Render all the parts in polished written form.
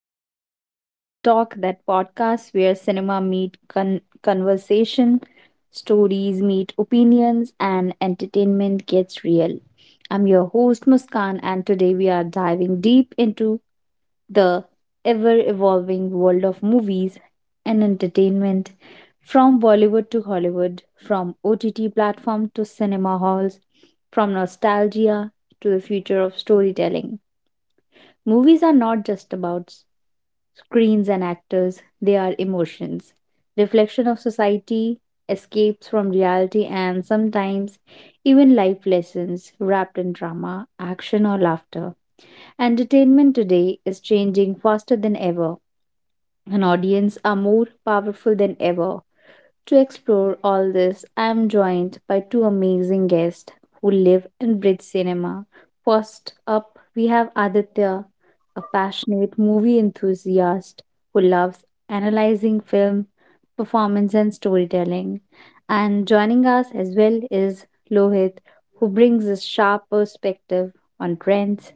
to Real Talk, that podcast where cinema meet conversation, stories meet opinions, and entertainment gets real. I'm your host, Muskan, and today we are diving deep into the ever evolving world of movies and entertainment, from Bollywood to Hollywood, from OTT platform to cinema halls, from nostalgia to the future of storytelling. Movies are not just about screens and actors, they are emotions, reflection of society, escapes from reality, and sometimes even life lessons wrapped in drama, action, or laughter. Entertainment today is changing faster than ever, and audience are more powerful than ever. To explore all this, I am joined by two amazing guests who live and breathe cinema. First up, we have Aditya, a passionate movie enthusiast who loves analyzing film, performance, and storytelling. And joining us as well is Lohit, who brings a sharp perspective on trends,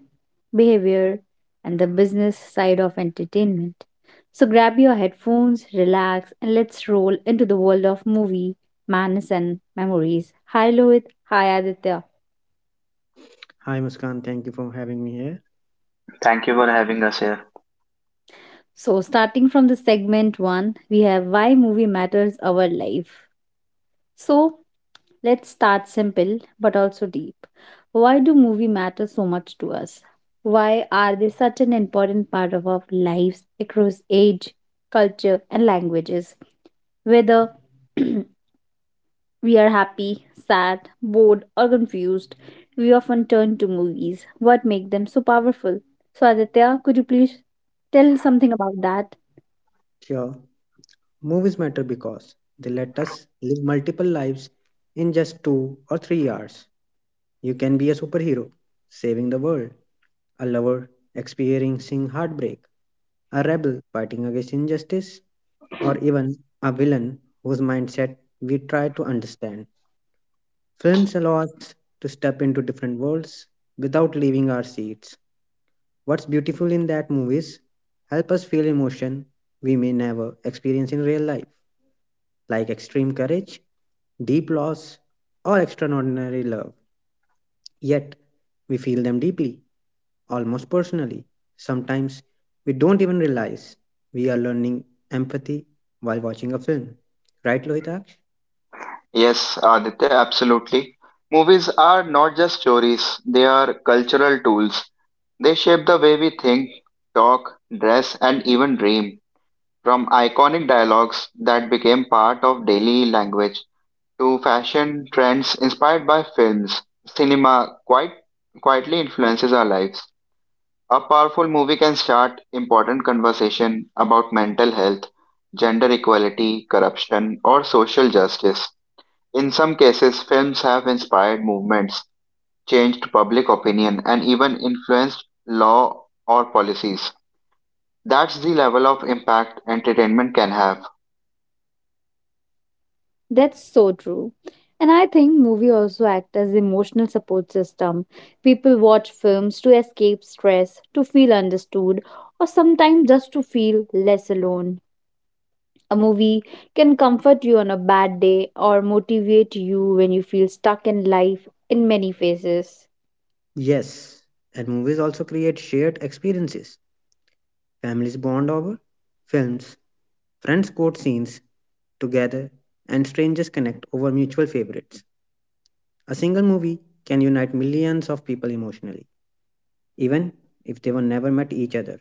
behavior, and the business side of entertainment. So grab your headphones, relax, and let's roll into the world of movie, madness, and memories. Hi Lohit, hi Aditya. Hi Muskan, thank you for having me here. Thank you for having us here. So starting from the segment one, we have why movie matters our life. So let's start simple but also deep. Why do movie matter so much to us? Why are they such an important part of our lives across age, culture, and languages? Whether we are happy, sad, bored, or confused, we often turn to movies. What makes them so powerful? So Aditya, could you please tell something about that? Sure, movies matter because they let us live multiple lives in just 2 or 3 hours. You can be a superhero, saving the world, a lover experiencing heartbreak, a rebel fighting against injustice, or even a villain whose mindset we try to understand. Films allow us to step into different worlds without leaving our seats. What's beautiful in that movies help us feel emotion we may never experience in real life, like extreme courage, deep loss, or extraordinary love. Yet, we feel them deeply, almost personally. Sometimes we don't even realize we are learning empathy while watching a film. Right, Lohitaksh? Yes, Aditya, absolutely. Movies are not just stories, they are cultural tools. They shape the way we think, talk, dress, and even dream. From iconic dialogues that became part of daily language to fashion trends inspired by films, cinema quite quietly influences our lives. A powerful movie can start important conversation about mental health, gender equality, corruption, or social justice. In some cases, films have inspired movements, changed public opinion, and even influenced law or policies. That's the level of impact entertainment can have. That's so true. And I think movie also act as emotional support system. People watch films to escape stress, to feel understood, or sometimes just to feel less alone. A movie can comfort you on a bad day or motivate you when you feel stuck in life in many phases. Yes, and movies also create shared experiences. Families bond over films, friends quote scenes, together, and strangers connect over mutual favorites. A single movie can unite millions of people emotionally, even if they were never met each other.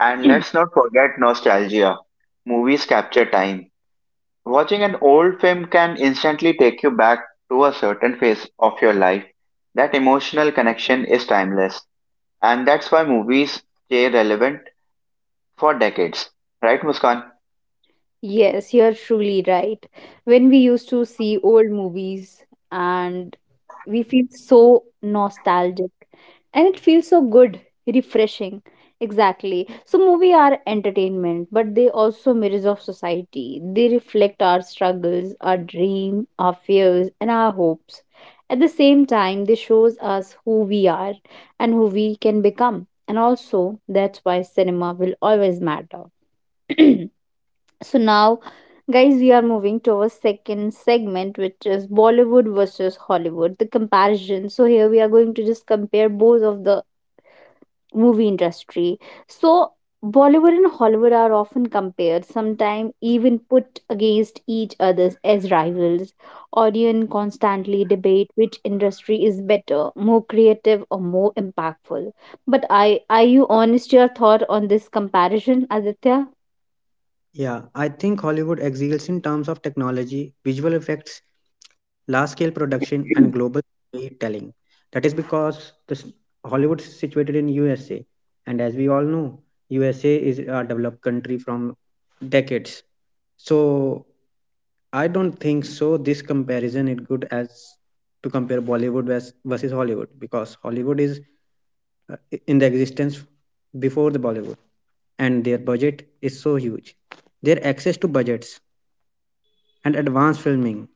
And let's not forget nostalgia. Movies capture time. Watching an old film can instantly take you back to a certain phase of your life. That emotional connection is timeless. And that's why movies stay relevant for decades. Right, Muskan? Yes, you're truly right. When we used to see old movies and we feel so nostalgic, and it feels so good, refreshing. Exactly. So movies are entertainment, but they also mirrors of society. They reflect our struggles, our dream, our fears and our hopes. At the same time, they shows us who we are and who we can become. And also that's why cinema will always matter. So now, guys, we are moving to our second segment, which is Bollywood versus Hollywood, the comparison. So here we are going to just compare both of the movie industry. So Bollywood and Hollywood are often compared, sometimes even put against each other as rivals. Audience constantly debate which industry is better, more creative, or more impactful. But I, are you honest your thought on this comparison, Aditya? Yeah, I think Hollywood excels in terms of technology, visual effects, large scale production, and global storytelling. That is because Hollywood is situated in USA, and as we all know, USA is a developed country from decades. So I don't think so. This comparison it good as to compare Bollywood versus Hollywood because Hollywood is in the existence before the Bollywood, and their budget is so huge. Their access to budgets and advanced filming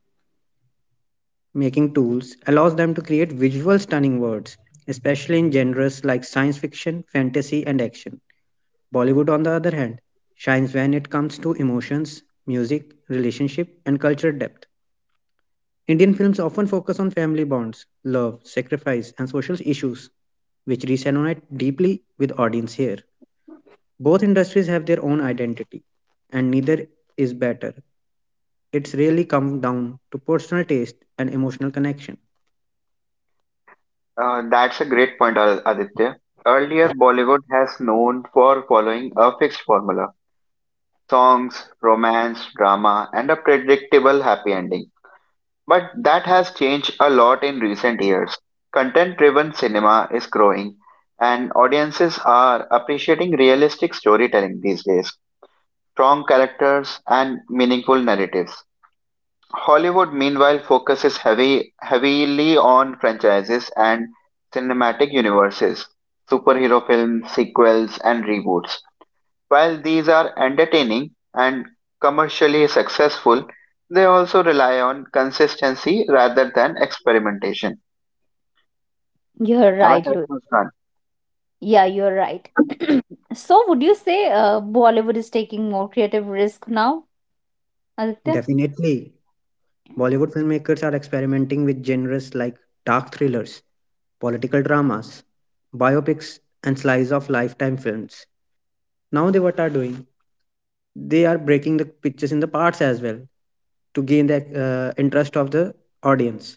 making tools allows them to create visual stunning worlds, especially in genres like science fiction, fantasy, and action. Bollywood, on the other hand, shines when it comes to emotions, music, relationship, and cultural depth. Indian films often focus on family bonds, love, sacrifice, and social issues, which resonate deeply with audience here. Both industries have their own identity, and neither is better. It's really come down to personal taste and emotional connection. That's a great point, Aditya. Earlier, Bollywood has known for following a fixed formula songs, romance, drama, and a predictable happy ending. But that has changed a lot in recent years. Content driven cinema is growing, and audiences are appreciating realistic storytelling these days, strong characters, and meaningful narratives. Hollywood, meanwhile, focuses heavily on franchises and cinematic universes, superhero films, sequels, and reboots. While these are entertaining and commercially successful, they also rely on consistency rather than experimentation. You're Am I right, correct, Louis. Muskan? Yeah, you're right. So, would you say Bollywood is taking more creative risk now, Aditya? Definitely, Bollywood filmmakers are experimenting with genres like dark thrillers, political dramas, biopics, and slice of lifetime films. Now, they what are doing they are breaking the pictures in the parts as well to gain the interest of the audience.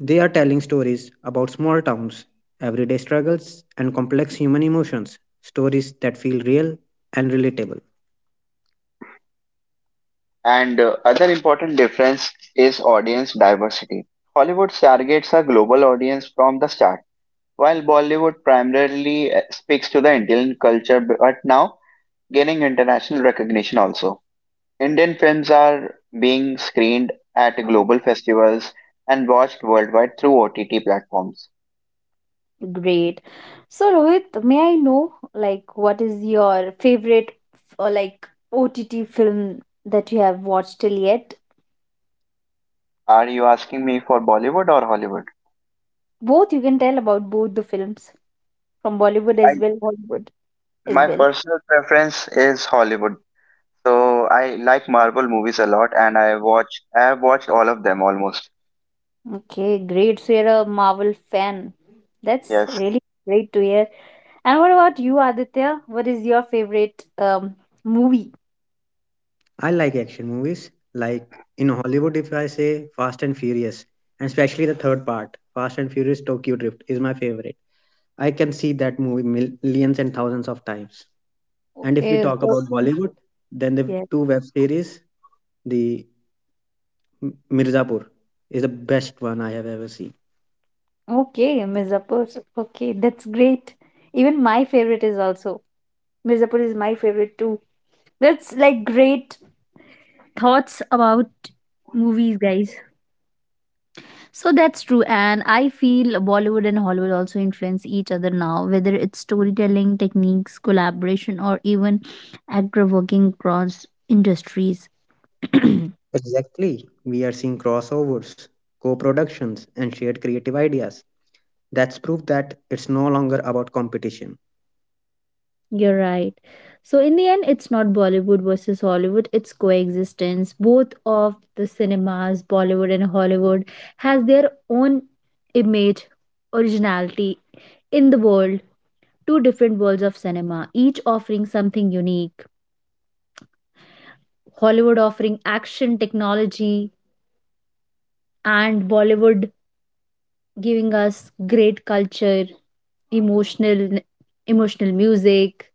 They are telling stories about small towns, everyday struggles, and complex human emotions, stories that feel real and relatable. And other important difference is audience diversity. Hollywood targets a global audience from the start. While Bollywood primarily speaks to the Indian culture, but now gaining international recognition also. Indian films are being screened at global festivals and watched worldwide through OTT platforms. Great. So Rohit, may I know like what is your favorite or like OTT film that you have watched till yet? Are you asking me for Bollywood or Hollywood? Both you can tell about both the films from Bollywood I as well, Hollywood as My well. personal preference is Hollywood. So I like Marvel movies a lot and I have watched all of them almost. Okay, great. So you're a Marvel fan. That's Yes. really great to hear. And what about you, Aditya? What is your favorite movie? I like action movies, like in Hollywood, if I say Fast and Furious, and especially the third part, Fast and Furious Tokyo Drift, is my favorite. I can see that movie millions and thousands of times. And if we Okay. talk So about Bollywood, then the yeah. two web series, the Mirzapur is the best one I have ever seen. Okay, Miss Apos. Okay, that's great. Even my favorite is also Mirzapur, is my favorite too. That's like great thoughts about movies, guys. So that's true, and I feel Bollywood and Hollywood also influence each other now, whether it's storytelling, techniques, collaboration, or even actor working across industries. Exactly. We are seeing crossovers, co productions, and shared creative ideas. That's proof that it's no longer about competition. You're right. So in the end, it's not Bollywood versus Hollywood; it's coexistence. Both of the cinemas, Bollywood and Hollywood, has their own image, originality in the world, two different worlds of cinema, each offering something unique. Hollywood offering action technology, and Bollywood giving us great culture, emotional emotional music,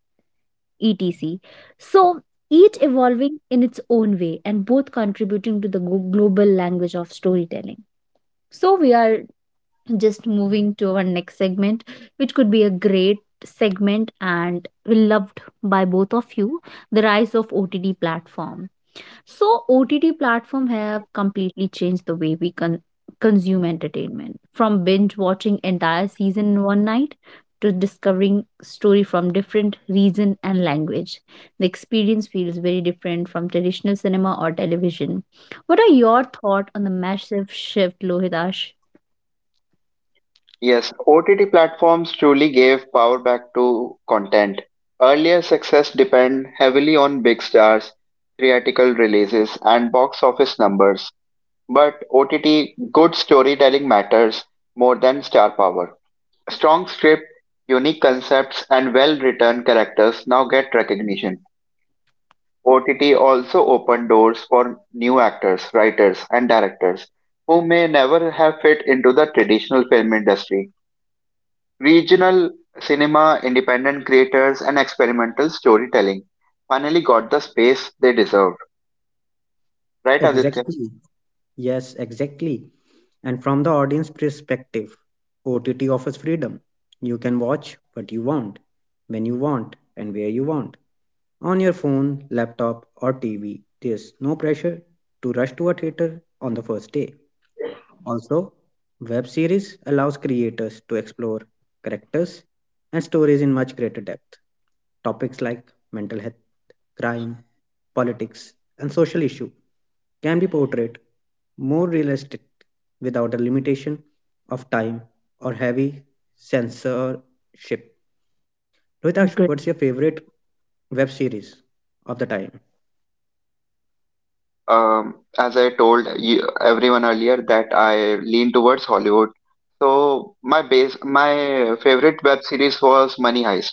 etc. So each evolving in its own way and both contributing to the global language of storytelling. So we are just moving to our next segment, which could be a great segment and will loved by both of you, the rise of OTT platforms. So OTT platform have completely changed the way we consume entertainment, from binge watching entire season in one night to discovering story from different region and language. The experience feels very different from traditional cinema or television. What are your thoughts on the massive shift, Lohitash? Yes, OTT platforms truly gave power back to content. Earlier success depended heavily on big stars, theatrical releases, and box office numbers. But OTT, good storytelling matters more than star power. Strong script, unique concepts, and well written characters now get recognition. OTT also opened doors for new actors, writers, and directors who may never have fit into the traditional film industry. Regional cinema, independent creators, and experimental storytelling finally got the space they deserved. Right, Aditya? Exactly. Yes, exactly. And from the audience perspective, OTT offers freedom. You can watch what you want, when you want, and where you want. On your phone, laptop, or TV, there's no pressure to rush to a theater on the first day. Also, web series allows creators to explore characters and stories in much greater depth. Topics like mental health, crime, politics, and social issue can be portrayed more realistic without the limitation of time or heavy censorship. Rohitash, what's your favorite web series of the time? As I told you, everyone earlier, that I lean towards Hollywood. So my favorite web series was Money Heist.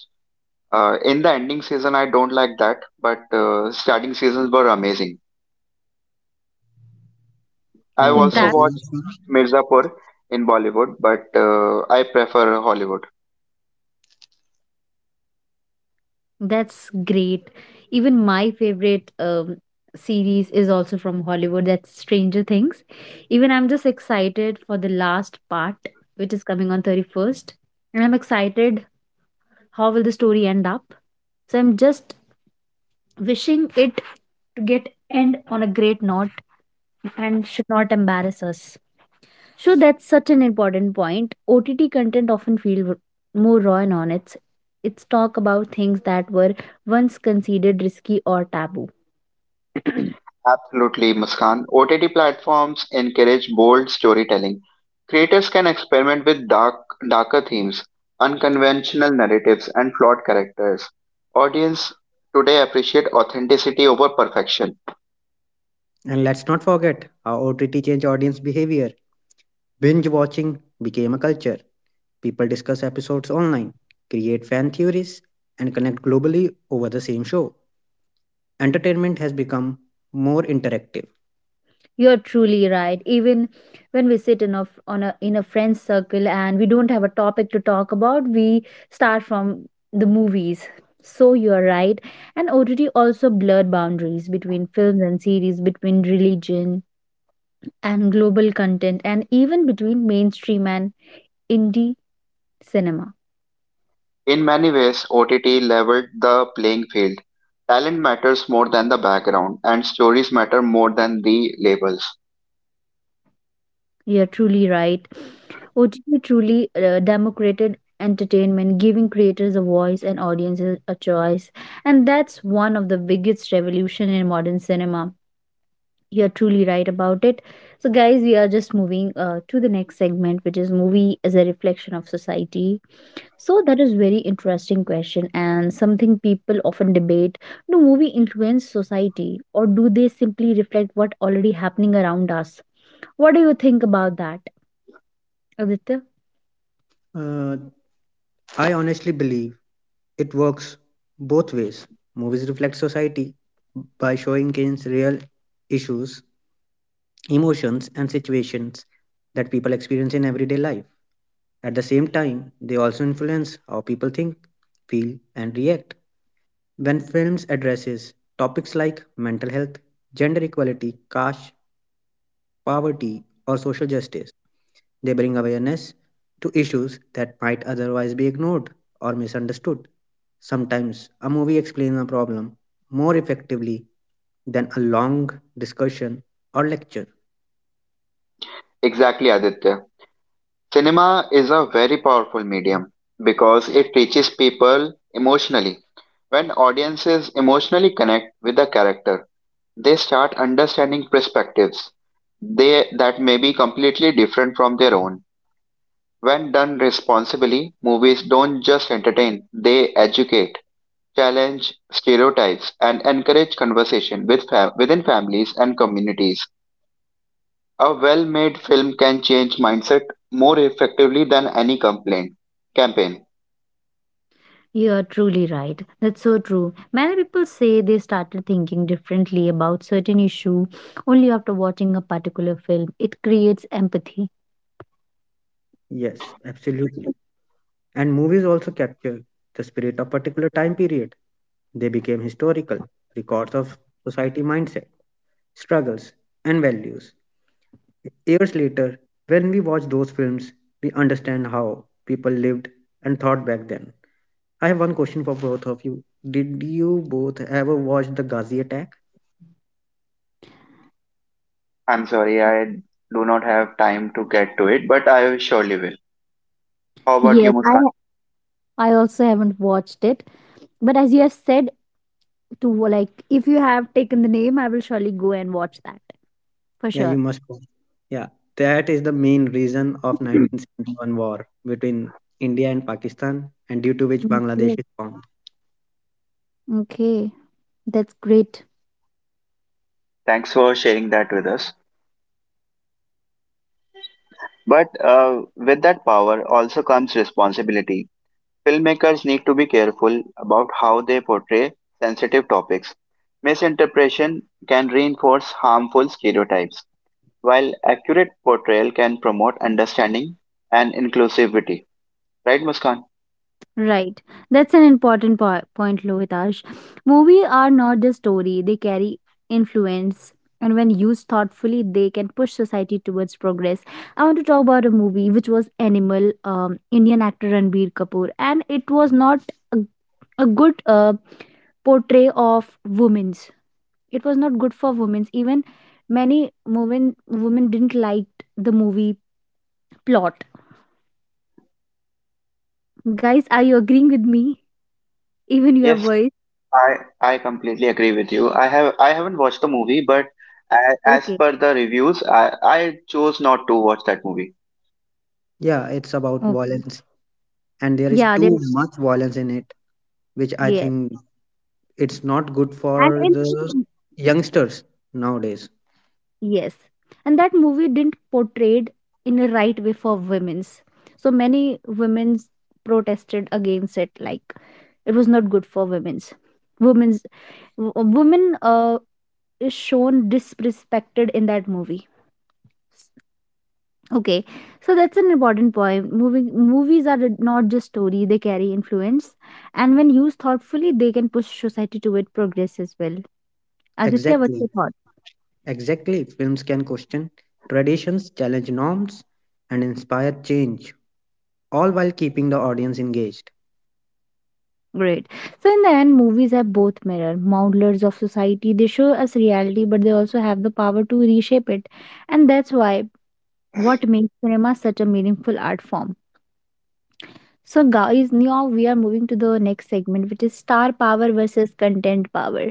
In the ending season, I don't like that, but starting seasons were amazing. And I've what also about That you? watched Mirzapur in Bollywood, but I prefer Hollywood. That's great. Even my favorite series is also from Hollywood. That's Stranger Things. Even I'm just excited for the last part, which is coming on 31st. And I'm excited how will the story end up. So I'm just wishing it to get end on a great note and should not embarrass us. So that's such an important point. OTT content often feel more raw and honest. It's talk about things that were once considered risky or taboo. Absolutely, Muskan. OTT platforms encourage bold storytelling. Creators can experiment with darker themes, unconventional narratives, and flawed characters. Audience today appreciate authenticity over perfection. And let's not forget how OTT change audience behavior. Binge watching became a culture. People discuss episodes online, create fan theories, and connect globally over the same show. Entertainment has become more interactive. You're truly right. Even when we sit in a f- on a in a friend's circle and we don't have a topic to talk about, we start from the movies. So you're right. And OTT also blurred boundaries between films and series, between religion and global content, and even between mainstream and indie cinema. In many ways, OTT leveled the playing field. Talent matters more than the background, and stories matter more than the labels. You're truly right. OTT truly democrated entertainment, giving creators a voice and audiences a choice. And that's one of the biggest revolution in modern cinema. You're truly right about it. So, guys, we are just moving to the next segment, which is movie as a reflection of society. So, that is very interesting question and something people often debate. Do movie influence society, or do they simply reflect what already happening around us? What do you think about that, Aditya? Uh, I honestly believe it works both ways. Movies reflect society by showing kids real issues, emotions, and situations that people experience in everyday life. At the same time, they also influence how people think, feel, and react. When films addresses topics like mental health, gender equality, caste, poverty, or social justice, they bring awareness to issues that might otherwise be ignored or misunderstood. Sometimes a movie explains a problem more effectively than a long discussion or lecture. Exactly, Aditya. Cinema is a very powerful medium because it reaches people emotionally. When audiences emotionally connect with a character, they start understanding perspectives they that may be completely different from their own. When done responsibly, movies don't just entertain, they educate, challenge stereotypes and encourage conversation with within families and communities. A well-made film can change mindset more effectively than any complaint campaign. You are truly right. That's so true. Many people say they started thinking differently about certain issue only after watching a particular film. It creates empathy. Yes, absolutely. And movies also capture the spirit of particular time period. They became historical records of society mindset. Struggles, and values. Years later, when we watch those films, we understand how people lived and thought back then. I have one question for both of you. Did you both ever watch the Ghazi attack? I'm sorry, I do not have time to get to it, but I surely will. How about you, Yes, Muskan? I also haven't watched it, but as you have said, to like if you have taken the name, I will surely go and watch that. For Yeah, sure. you must watch. Yeah, that is the main reason of 1971 war between India and Pakistan, and due to which Okay. Bangladesh is formed. Okay, that's great. Thanks for sharing that with us. But with that power also comes responsibility. Filmmakers need to be careful about how they portray sensitive topics. Misinterpretation can reinforce harmful stereotypes, while accurate portrayal can promote understanding and inclusivity. Right, Muskan? Right. That's an important point, Lohitash. Movies are not just story, they carry influence. And when used thoughtfully, they can push society towards progress. I want to talk about a movie which was Animal, Indian actor Ranbir Kapoor. And it was not a, a good portray of women's. It was not good for women's. Even women didn't like the movie plot. Guys, are you agreeing with me? Even your Yes, voice? I, I completely agree with you. I haven't watched the movie, Okay. but as per the reviews, I chose not to watch that movie. Yeah, it's about Okay. violence, and there Yeah, is there. too much violence in it, which I Yes. think it's not good And for the in youngsters nowadays. yes. And that movie didn't portrayed in a right way for women's. So many women's protested against it, like it was not good for women's. Women's women is shown disrespected in that movie. Okay. So that's an important point. Moving movies are not just story, they carry influence. And when used thoughtfully, they can push society toward progress as well. Aditya, what's Exactly, your thought? exactly, films can question traditions, challenge norms, and inspire change, all while keeping the audience engaged. Great. So in the end, movies are both mirror modelers of society. They show us reality, but they also have the power to reshape it, and that's why what makes cinema such a meaningful art form. So guys, now we are moving to the next segment, which is star power versus content power.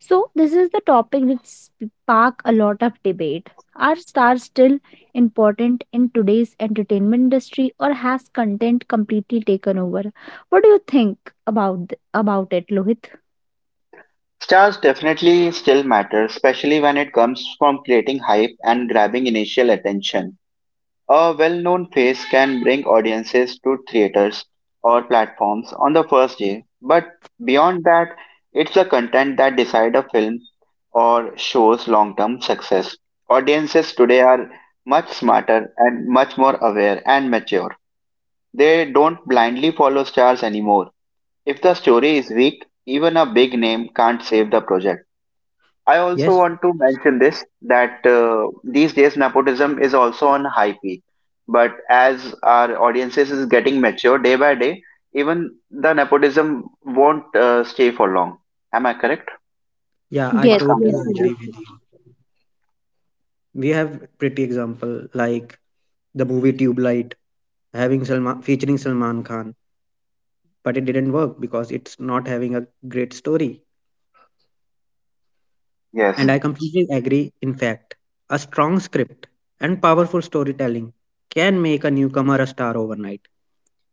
So this is the topic which spark a lot of debate. Are stars still important in today's entertainment industry, or has content completely taken over? What do you think about about it, Lohit? Stars definitely still matter, especially when it comes from creating hype and grabbing initial attention. A well known face can bring audiences to theaters or platforms on the first day, but beyond that, it's the content that decide a film or show's long term success. Audiences today are much smarter and much more aware and mature. They don't blindly follow stars anymore. If the story is weak, even a big name can't save the project. I also Yes, want to mention this that these days nepotism is also on high peak. But as our audiences is getting mature day by day, even the nepotism won't stay for long. Am I correct, yeah, I Yes, Muskan? Totally agree with you. We have pretty example like the movie Tube Light having Salman, featuring Salman Khan, but it didn't work because it's not having a great story. Yes, And I completely agree. In fact, a strong script and powerful storytelling can make a newcomer a star overnight.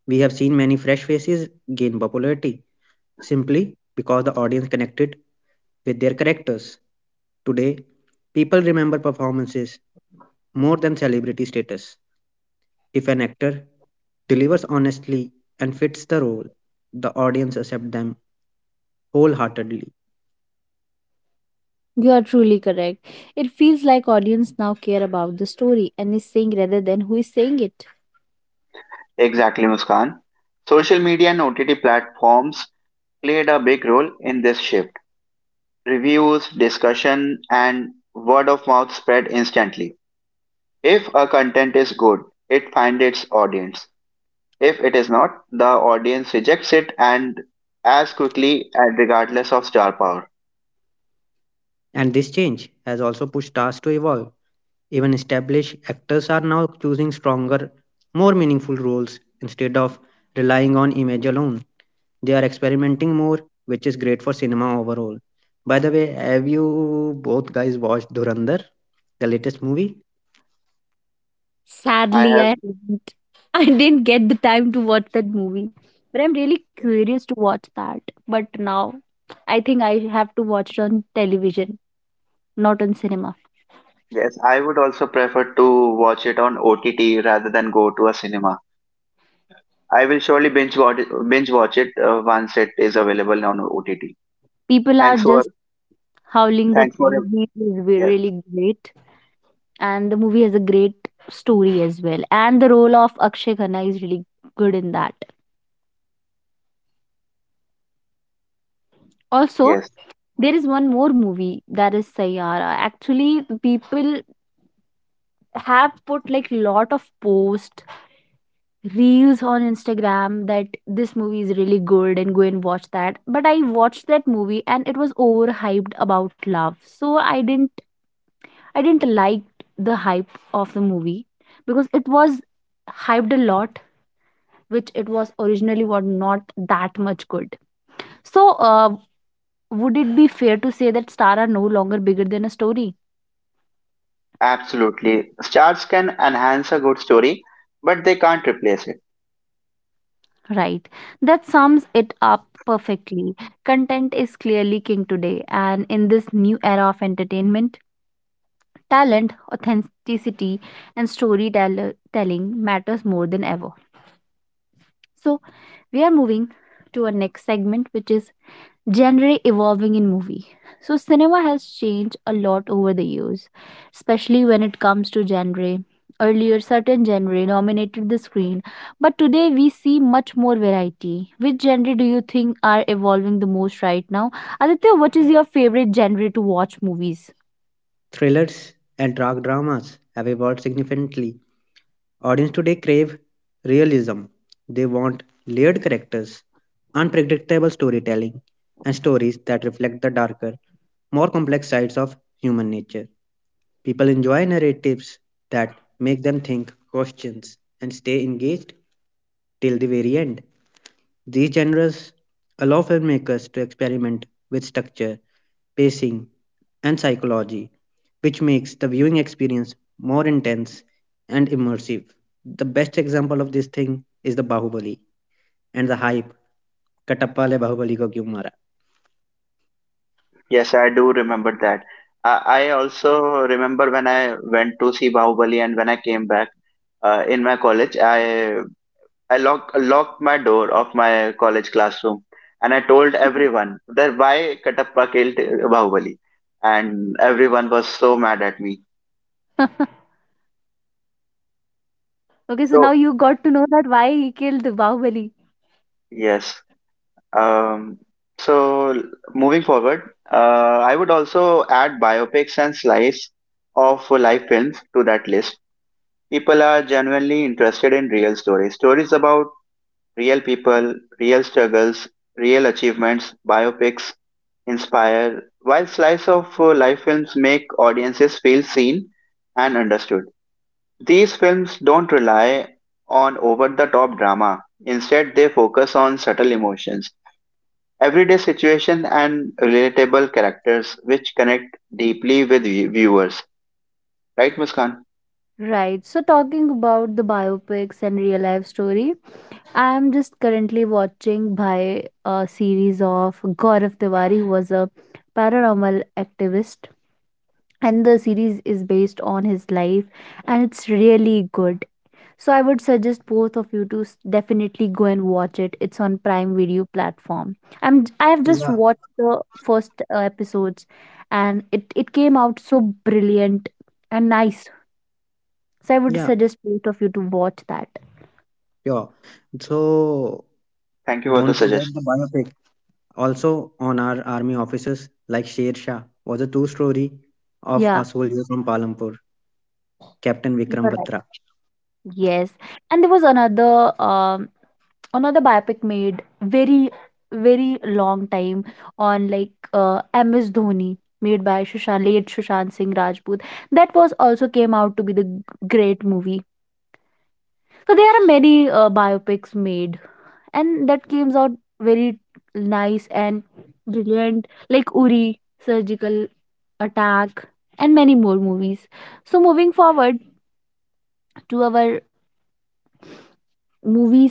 We have seen many fresh faces gain popularity simply because the audience connected with their characters. Today, people remember performances more than celebrity status. If an actor delivers honestly and fits the role, the audience accepts them wholeheartedly. you are truly correct. It feels like audience now care about the story and is saying rather than who is saying it. exactly, Muskan. Social media and OTT platforms played a big role in this shift. Reviews, discussion, and word of mouth spread instantly. If a content is good, it finds its audience. If it is not, the audience rejects it and as quickly and regardless of star power. And this change has also pushed stars to evolve. Even established actors are now choosing stronger, more meaningful roles instead of relying on image alone. They are experimenting more, which is great for cinema overall. By the way, have you both guys watched Durandar, the latest movie? I Sadly, have I haven't. I didn't get the time to watch that movie, but I'm really curious to watch that. But now I think I have to watch it on television, not on cinema. yes, I would also prefer to watch it on OTT rather than go to a cinema. I will surely binge watch it once it is available on OTT. People are Thanks for just howling that thanks for. movie is Yes, really great, and the movie has a great story as well. And the role of Akshay Khanna is really good in that. Also, yes, there is one more movie that is Sayyara. Actually, people have put like lot of post reels on Instagram that this movie is really good and go and watch that. But I watched that movie and it was overhyped about love. So I didn't like the hype of the movie because it was hyped a lot, which it was originally was not that much good. So would it be fair to say that Star are no longer bigger than a story? absolutely. Stars can enhance a good story, but they can't replace it. Right. That sums it up perfectly. Content is clearly king today, and in this new era of entertainment, talent, authenticity, and storytelling matters more than ever. So, we are moving to our next segment, which is genre evolving in movie. So cinema has changed a lot over the years, especially when it comes to genre. Earlier, certain genre dominated the screen, but today we see much more variety. Which genre do you think are evolving the most right now? Aditya, what is your favorite genre to watch movies? Thrillers and dark dramas have evolved significantly. Audience today crave realism. They want layered characters, unpredictable storytelling, and stories that reflect the darker, more complex sides of human nature. People enjoy narratives that make them think, questions, and stay engaged till the very end. These genres allow filmmakers to experiment with structure, pacing, and psychology, which makes the viewing experience more intense and immersive. The best example of this thing is the Bahubali and the hype. Katappa le Bahubali ko kyun mara? Yes, I do remember that. I also remember when I went to see Bahubali and when I came back in my college, I locked my door of my college classroom and I told everyone that why Katappa killed Bahubali, and everyone was so mad at me. Okay, so now you So got to know that why he killed Bahubali. yes, um, so moving forward, uh, I would also add biopics and slice of life films to that list. People are genuinely interested in real stories, stories about real people, real struggles, real achievements. Biopics inspire, while slice of life films make audiences feel seen and understood. These films don't rely on over the top drama. Instead, they focus on subtle emotions, everyday situations, and relatable characters which connect deeply with viewers. Right, Muskan? Right. So talking about the biopics and real life story, I'm just currently watching by a series of Gaurav Tiwari, who was a paranormal activist, and the series is based on his life, and it's really good. So I would suggest both of you to definitely go and watch it. It's on Prime Video platform. I have just Yeah, watched the first episodes, and it came out so brilliant and nice. So I would yeah, suggest both of you to watch that. yeah. So Thank you for the don't forget suggestion. the biopic. Also, on our army officers like Sher Shah was a true story of a Yeah, soldier from Palampur, Captain you're Vikram right. Batra. Yes, and there was another another biopic made very very long time on like MS Dhoni made by Shushan late Sushant Singh Rajput that was also came out to be the great movie. So there are many biopics made and that came out very nice and brilliant like Uri, Surgical Attack and many more movies. So moving forward to our movies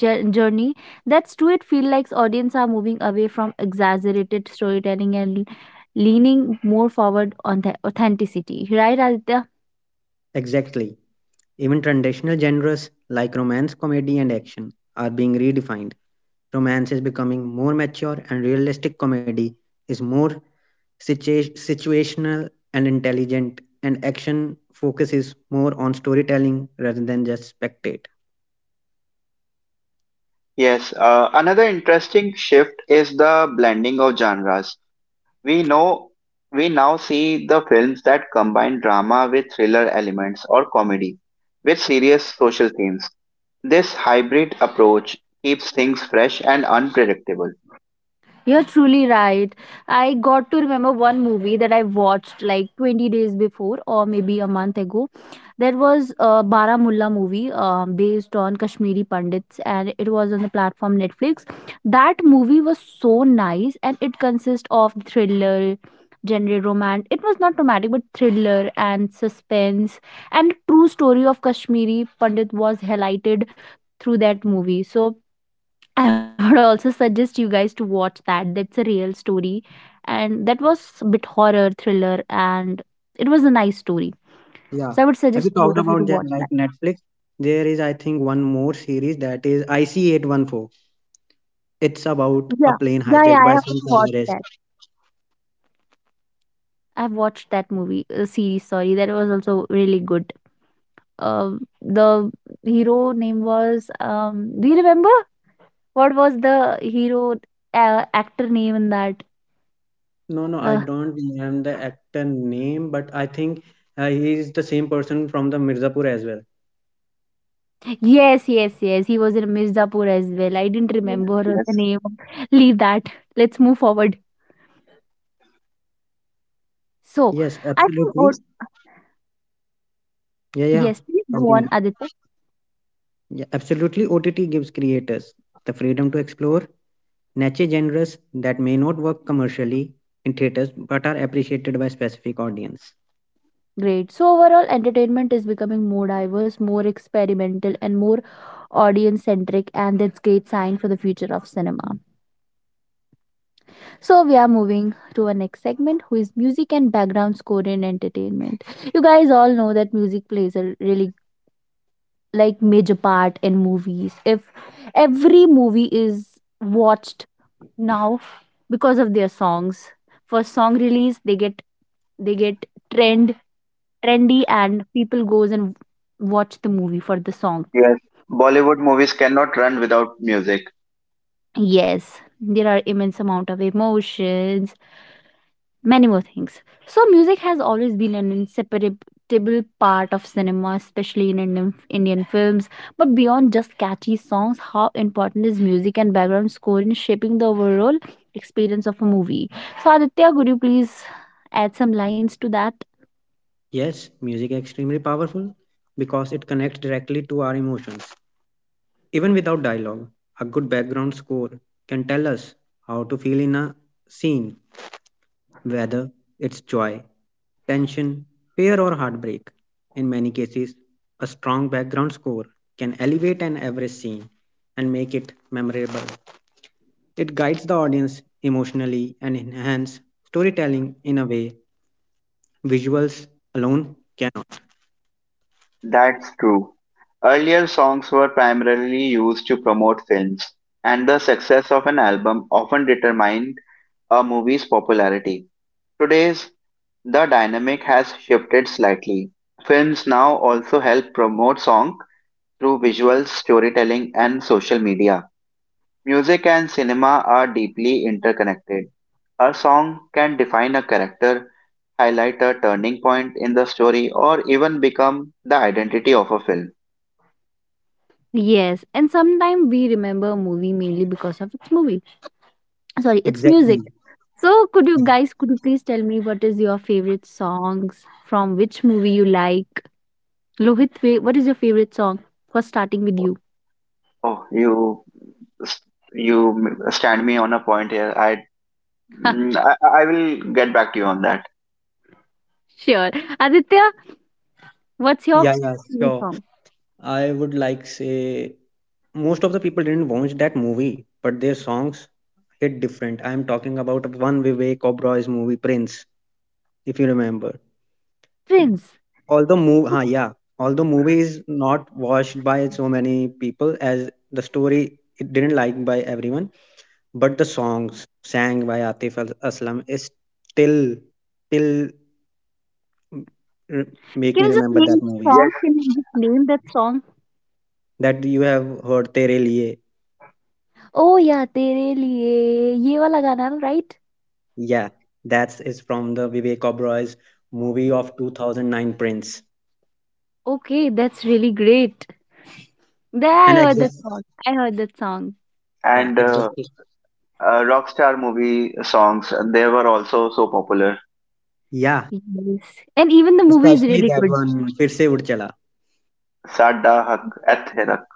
journey. That's true, it feels like audience are moving away from exaggerated storytelling and leaning more forward on the authenticity, right, Aditya? Exactly. Even traditional genres like romance, comedy, and action are being redefined. Romance is becoming more mature, and realistic comedy is more situational and intelligent, and action focuses more on storytelling rather than just spectate. Yes, another interesting shift is the blending of genres. We know we now see the films that combine drama with thriller elements or comedy with serious social themes. This hybrid approach keeps things fresh and unpredictable. You're truly right. I got to remember one movie that I watched like 20 days before or maybe a month ago. That was a Baramulla movie based on Kashmiri Pandits, and it was on the platform Netflix. That movie was so nice and it consists of thriller, genre romance. It was not romantic but thriller and suspense, and true story of Kashmiri Pandit was highlighted through that movie. So I would also suggest you guys to watch that. That's a real story. And that was a bit horror, thriller, and it was a nice story. Yeah. So I would Have suggest you both talked of you to about that watch like that. Netflix? There is, I think, one more series that is IC814. It's about a Yeah. plane Yeah, yeah, hijacked I by some haven't watched terrorist. that. I've watched that movie, series, sorry. That was also really good. The hero name was, do you remember? What was the hero actor name in that? No, no, I Uh, don't remember the actor name, but I think he is the same person from the Mirzapur as well. Yes, yes, yes. He was in Mirzapur as well. I didn't Yes, remember the yes, name. Leave that. Let's move forward. So, Yes, I think, oh, absolutely. Yeah, yeah. yes, please go on, Continue. Aditya. Yeah, absolutely. OTT gives creators the freedom to explore niche genres that may not work commercially in theaters but are appreciated by specific audience. Great. So, overall, entertainment is becoming more diverse, more experimental, and more audience centric, and that's great sign for the future of cinema. So, we are moving to our next segment, who is music and background score in entertainment. You guys all know that music plays a really like major part in movies. If every movie is watched now because of their songs, for song release, they get trend trendy, and people goes and watch the movie for the song. yes. Bollywood movies cannot run without music. Yes, there are immense amount of emotions, many more things. So, music has always been an inseparable part of cinema, especially in Indian films. But beyond just catchy songs, how important is music and background score in shaping the overall experience of a movie? So, Aditya, could you please add some lines to that? Yes, music is extremely powerful because it connects directly to our emotions. Even without dialogue, a good background score can tell us how to feel in a scene, whether it's joy, tension, fear, or heartbreak. In many cases, a strong background score can elevate an average scene and make it memorable. It guides the audience emotionally and enhances storytelling in a way visuals alone cannot. That's true. Earlier songs were primarily used to promote films, and the success of an album often determined a movie's popularity. Today's the dynamic has shifted slightly. Films now also help promote song through visuals, storytelling and social media. Music and cinema are deeply interconnected. A song can define a character, highlight a turning point in the story, or even become the identity of a film. Yes, and sometimes we remember a movie mainly because of its movie. Sorry, its Exactly. music. So, could you please tell me what is your favorite songs from which movie you like? Lohit, what is your favorite song for starting with you? Oh, you stand me on a point here. I will get back to you on that. Sure. Aditya, what's your Yeah, yeah, favorite sure. song? I would like say most of the people didn't watch that movie, but their songs hit different. I'm talking about one Vivek Oberoy's movie Prince, if you remember. Prince. Yeah, although movie is not watched by so many people as the story it didn't like by everyone, but the songs sang by Aslam is still till make Can me you just remember name that the movie song? Yes, Can you just name that song? that you have heard Tere Liye. Oh yeah, तेरे लिए ये वाला गाना ना, right? Yeah, that is from the Vivek Oberoi's movie of 2009, Prince. Okay, that's really great. There, I And heard exact. that song. I heard that song. Yeah, and exactly. Rockstar movie songs they were also so popular. Yeah, Yes, and even the movie is especially really that good. one. फिर से उठ चला. Sadda Hak Et Herak.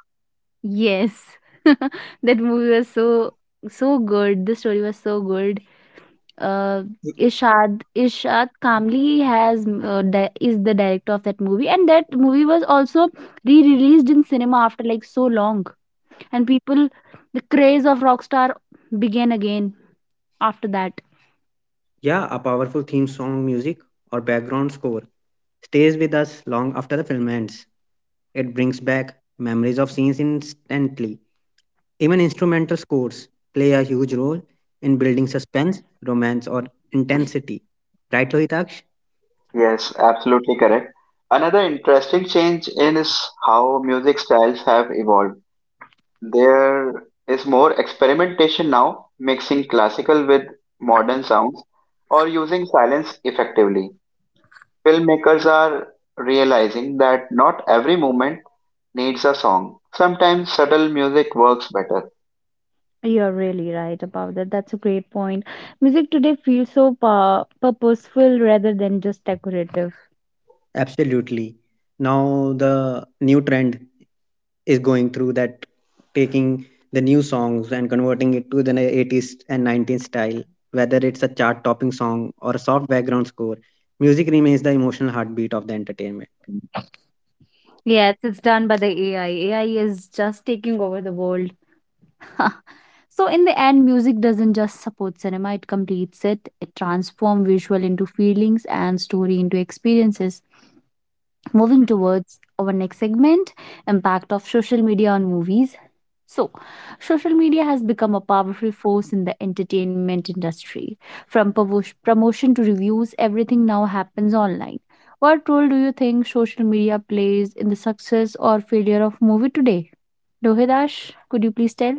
Yes, that movie was so so good. The story was so good. uh, Ishad Kamli has is the director of that movie, and that movie was also re-released in cinema after like so long, and people the craze of Rockstar began again after that. Yeah, a powerful theme song, music, or background score stays with us long after the film ends. It brings back memories of scenes instantly. Even instrumental scores play a huge role in building suspense, romance, or intensity. Right, वो ही तार्क्ष? Yes, absolutely correct. Another interesting change is how music styles have evolved. There is more experimentation now, mixing classical with modern sounds or using silence effectively. Filmmakers are realizing that not every moment needs a song. Sometimes subtle music works better. You're really right about that. That's a great point. Music today feels so purposeful rather than just decorative. Absolutely. Now the new trend. Is going through that taking the new songs and converting it to the 80s and 90s style, whether it's a chart topping song or a soft background score, music remains the emotional heartbeat of the entertainment. Yes, it's done by the AI. AI is just taking over the world. So, in the end, music doesn't just support cinema, it completes it. It transforms visual into feelings and story into experiences. Moving towards our next segment, impact of social media on movies. So, social media has become a powerful force in the entertainment industry. From promotion to reviews, everything now happens online. What role do you think social media plays in the success or failure of movie today? Lohidash, could you please tell?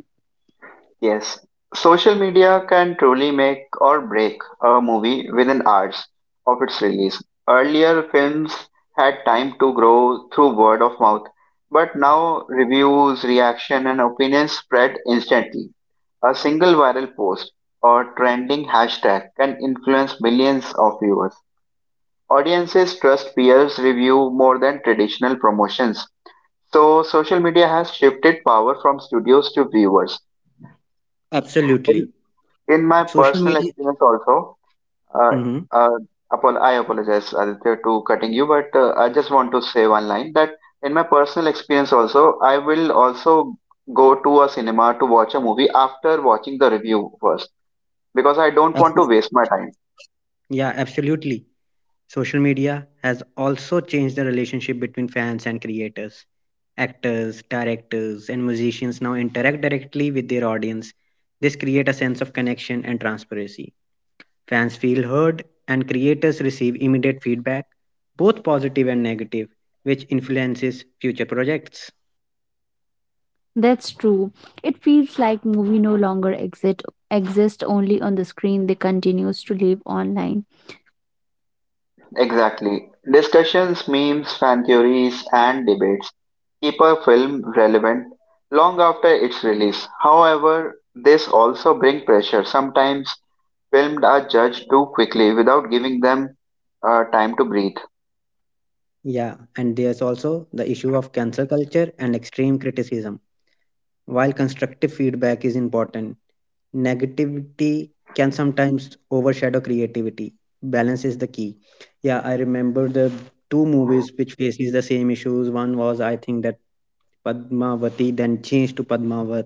Yes, social media can truly make or break a movie within hours of its release. Earlier, films had time to grow through word of mouth, but now reviews, reaction, and opinions spread instantly. A single viral post or trending hashtag can influence millions of viewers. Audiences trust peers' review more than traditional promotions. So, social media has shifted power from studios to viewers. Absolutely, In my social personal media. experience, also, uh, Mhm. uh, I apologize, Aditya, to cutting you, but I just want to say one line that in my personal experience, also, I will also go to a cinema to watch a movie after watching the review first because I don't want to Abso- waste my time. yeah, absolutely, social media has also changed the relationship between fans and creators. Actors, directors, and musicians now interact directly with their audience. This create a sense of connection and transparency. Fans feel heard, and creators receive immediate feedback, both positive and negative, which influences future projects. That's true. It feels like movie no longer exist only on the screen. They continues to live online. Exactly. Discussions, memes, fan theories, and debates keep a film relevant long after its release. However, this also bring pressure. Sometimes films are judged too quickly without giving them time to breathe. Yeah, and there's also the issue of cancel culture and extreme criticism. While constructive feedback is important, negativity can sometimes overshadow creativity. Balance is the key. Yeah, I remember the two movies which faces the same issues. One was I think that Padmavati then changed to Padmavat,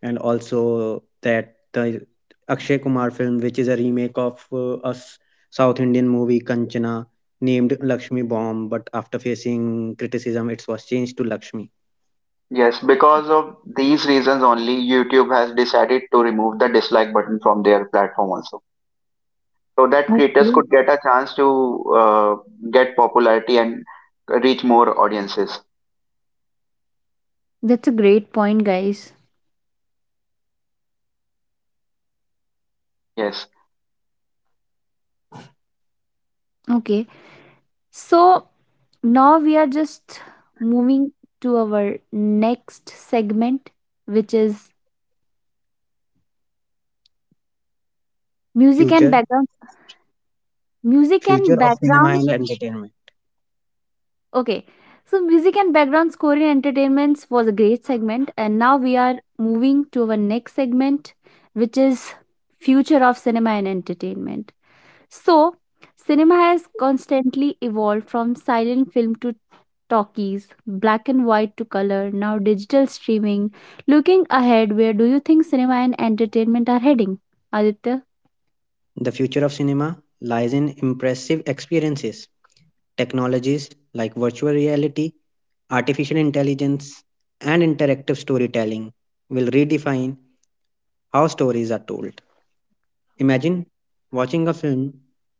and also that the Akshay Kumar film, which is a remake of a South Indian movie Kanchana, named Lakshmi Bomb, but after facing criticism, it was changed to Lakshmi. Yes, because of these reasons only, YouTube has decided to remove the dislike button from their platform also, so that creators Okay. could get a chance to get popularity and reach more audiences. That's a great point, guys. Yes. Okay. So now we are just moving to our next segment, which is music and Future background. Music and Future of cinema background. and entertainment. Okay. So, music and background score in entertainments was a great segment. And now we are moving to our next segment, which is future of cinema and entertainment. So, cinema has constantly evolved from silent film to talkies, black and white to color, now digital streaming. Looking ahead, where do you think cinema and entertainment are heading? Aditya? The future of cinema lies in impressive experiences, technologies like virtual reality, artificial intelligence, and interactive storytelling will redefine how stories are told. Imagine watching a film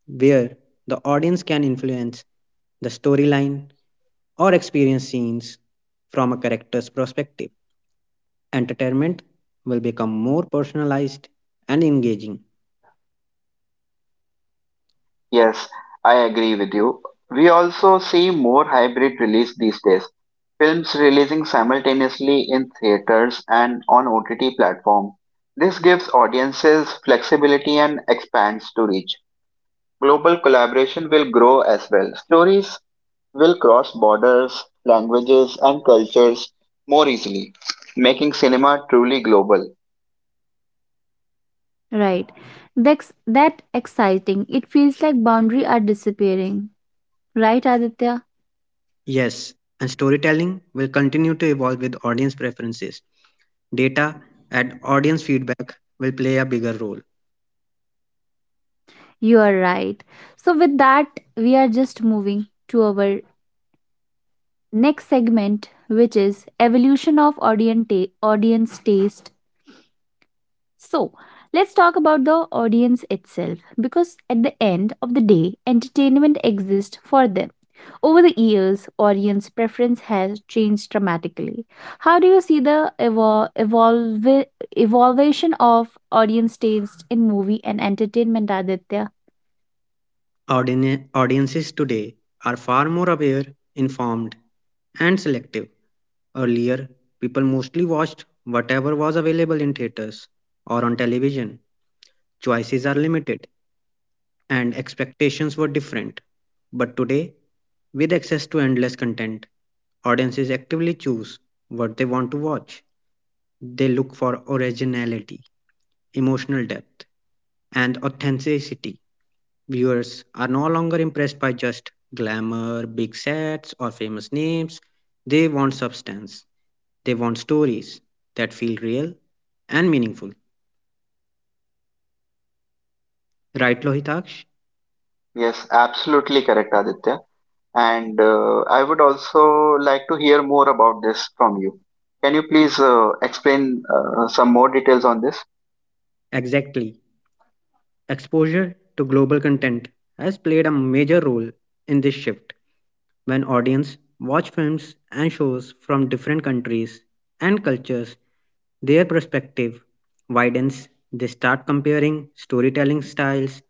where the audience can influence the storyline or experience scenes from a character's perspective. Entertainment will become more personalized and engaging. Yes, I agree with you. We also see more hybrid release these days. Films releasing simultaneously in theaters and on OTT platform. This gives audiences flexibility and expands to reach. Global collaboration will grow as well. Stories will cross borders, languages, and cultures more easily, making cinema truly global. Right. That's that exciting. It feels like boundaries are disappearing. Right, Aditya? Yes, and storytelling will continue to evolve with audience preferences. Data and audience feedback will play a bigger role. You are right. So, with that, we are just moving to our next segment, which is evolution of audience, audience taste. So, let's talk about the audience itself because at the end of the day, entertainment exists for them. Over the years, audience preference has changed dramatically. How do you see the evolution of audience taste in movie and entertainment, Aditya? Audiences today are far more aware, informed, and selective. Earlier, people mostly watched whatever was available in theaters or on television. Choices are limited, and expectations were different. But today, with access to endless content, audiences actively choose what they want to watch. They look for originality, emotional depth, and authenticity. Viewers are no longer impressed by just glamour, big sets, or famous names. They want substance. They want stories that feel real and meaningful. Right, Lohitaksh? Yes, absolutely correct, Aditya. And I would also like to hear more about this from you. Can you please explain some more details on this? Exactly. Exposure to global content has played a major role in this shift. When audience watch films and shows from different countries and cultures, their perspective widens. They start comparing storytelling styles,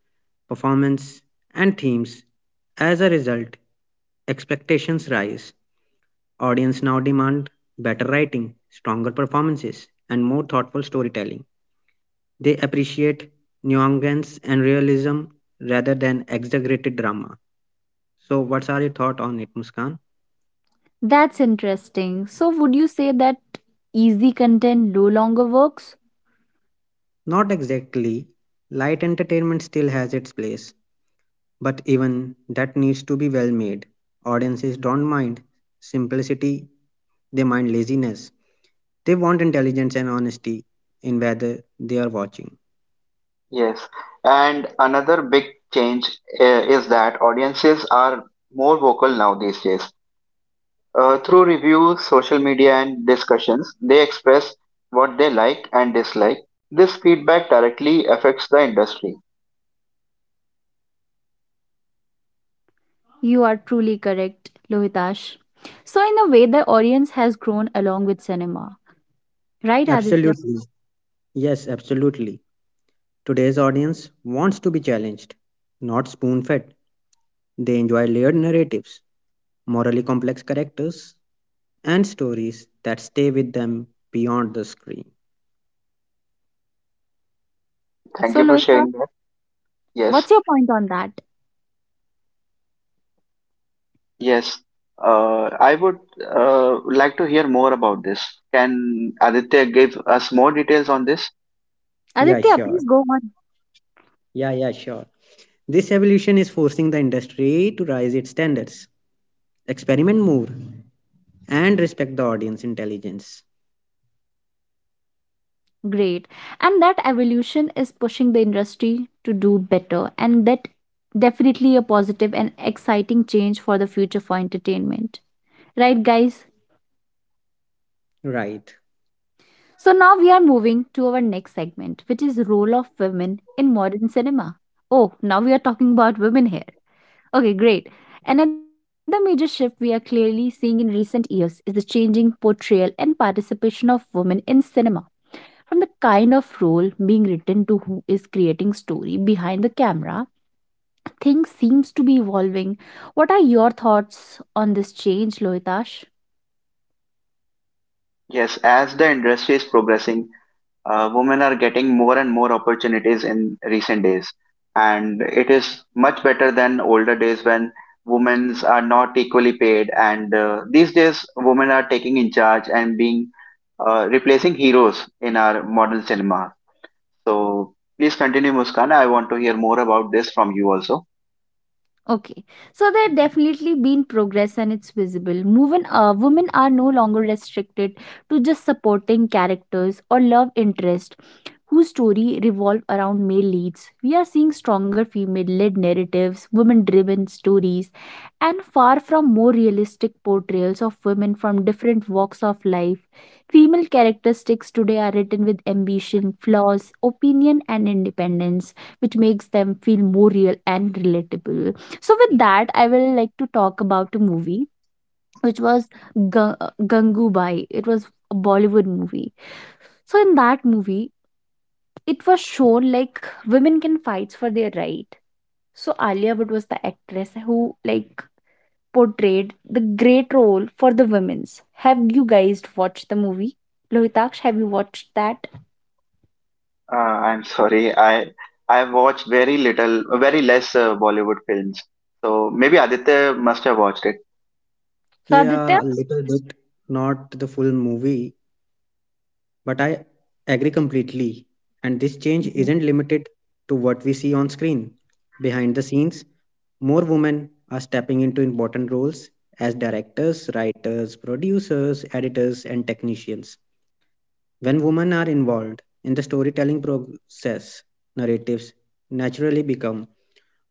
performance, and themes. As a result, expectations rise. Audience now demand better writing, stronger performances, and more thoughtful storytelling. They appreciate nuance and realism rather than exaggerated drama. So what's are your thought on it, Muskan? That's interesting. So, would you say that easy content no longer works? Not exactly. Light entertainment still has its place, but even that needs to be well made. Audiences don't mind simplicity, they mind laziness. They want intelligence and honesty in whether they are watching. Yes, and another big change uh, is that audiences are more vocal now these days. Through reviews, social media, and discussions, they express what they like and dislike. This feedback directly affects the industry. You are truly correct, Lohitash. So, in a way, the audience has grown along with cinema, right, Aditya? Absolutely. Yes, absolutely. Today's audience wants to be challenged, not spoon fed. They enjoy layered narratives, morally complex characters, and stories that stay with them beyond the screen. Thank So, you for Lohita, sharing that. Yes. what's your point on that? Yes, I would like to hear more about this. Can Aditya give us more details on this? Yeah, Aditya, sure. please go on. Yeah, yeah, sure. This evolution is forcing the industry to raise its standards, experiment more, and respect the audience intelligence. Great. And that evolution is pushing the industry to do better, and that definitely a positive and exciting change for the future for entertainment. Right, guys? Right. So now we are moving to our next segment, which is role of women in modern cinema. Oh, now we are talking about women here. Okay, great. Another major shift we are clearly seeing in recent years is the changing portrayal and participation of women in cinema. From the kind of role being written to who is creating story behind the camera, things seems to be evolving. What are your thoughts on this change, Lohitash? Yes, as the industry is progressing, women are getting more and more opportunities in recent days, and it is much better than older days when women are not equally paid. And These days, women are taking in charge and being replacing heroes in our modern cinema. So please continue, Muskan. I want to hear more about this from you also. Okay, so there definitely been progress and it's visible. Women are no longer restricted to just supporting characters or love interest whose story revolve around male leads. We are seeing stronger female-led narratives, women-driven stories, and far from more realistic portrayals of women from different walks of life. Female characteristics today are written with ambition, flaws, opinion, and independence, which makes them feel more real and relatable. So, with that, I will like to talk about a movie which was Ga- Gangubai. It was a Bollywood movie. So, in that movie, it was shown like women can fight for their right. So Alia Bhatt was the actress who like portrayed the great role for the women's. Have you guys watched the movie? Lohitaksh, have you watched that? I'm sorry. I've watched very little, very less Bollywood films. So maybe Aditya must have watched it. So, Yeah, a Aditya, little bit, not the full movie, but I agree completely. And this change mhm. isn't limited to what we see on screen. Behind the scenes, more women are stepping into important roles as directors, writers, producers, editors, and technicians. When women are involved in the storytelling process, narratives naturally become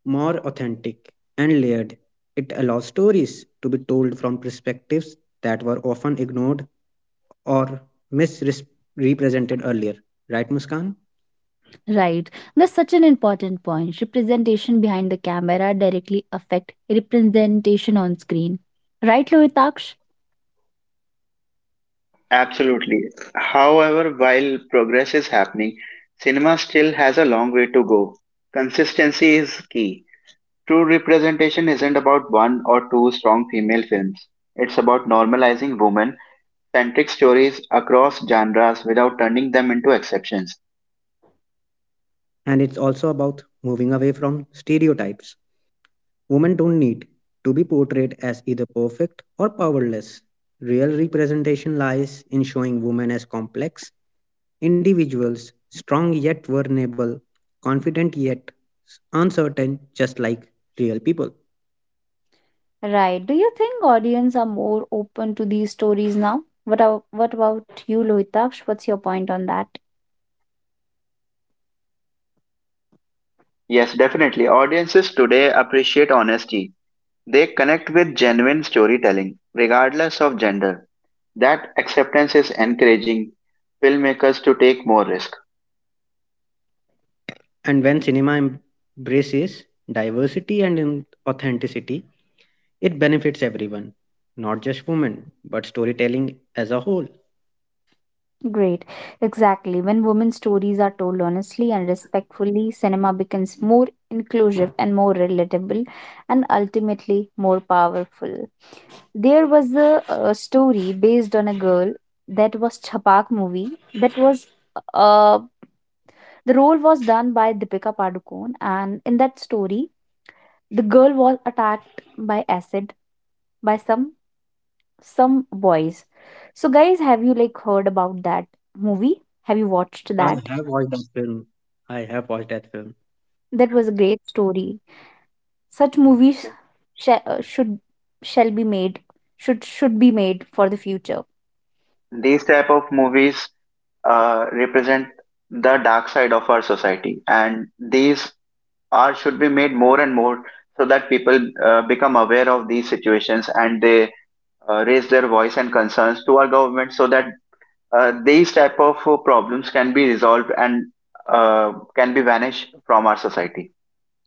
more authentic and layered. It allows stories to be told from perspectives that were often ignored or misrepresented earlier. Right, Muskan? Right. That's such an important point. Representation behind the camera directly affect representation on screen. Right, Lohitaksh? Absolutely. However, while progress is happening, cinema still has a long way to go. Consistency is key. True representation isn't about one or two strong female films. It's about normalizing women-centric stories across genres without turning them into exceptions. And it's also about moving away from stereotypes. Women don't need to be portrayed as either perfect or powerless. Real representation lies in showing women as complex individuals, strong yet vulnerable, confident yet uncertain, just like real people. Right. Do you think audience are more open to these stories now? What about you, Lohitaksh? What's your point on that? Yes, definitely. Audiences today appreciate honesty. They connect with genuine storytelling, regardless of gender. That acceptance is encouraging filmmakers to take more risk. And when cinema embraces diversity and authenticity, it benefits everyone, not just women, but storytelling as a whole. Great. Exactly. When women's stories are told honestly and respectfully, cinema becomes more inclusive and more relatable and ultimately more powerful. There was a story based on a girl. That was Chapak movie that was uh, the role was done by Deepika Padukone, and in that story, the girl was attacked by acid by some boys. So guys, have you like heard about that movie? Have you watched I that? have watched that film. I have watched that film. That was a great story. Such movies sh- uh, should shall be made should be made for the future. These type of movies represent the dark side of our society, and these are should be made more and more so that people become aware of these situations and they raise their voice and concerns to our government so that these type of problems can be resolved and can be vanished from our society.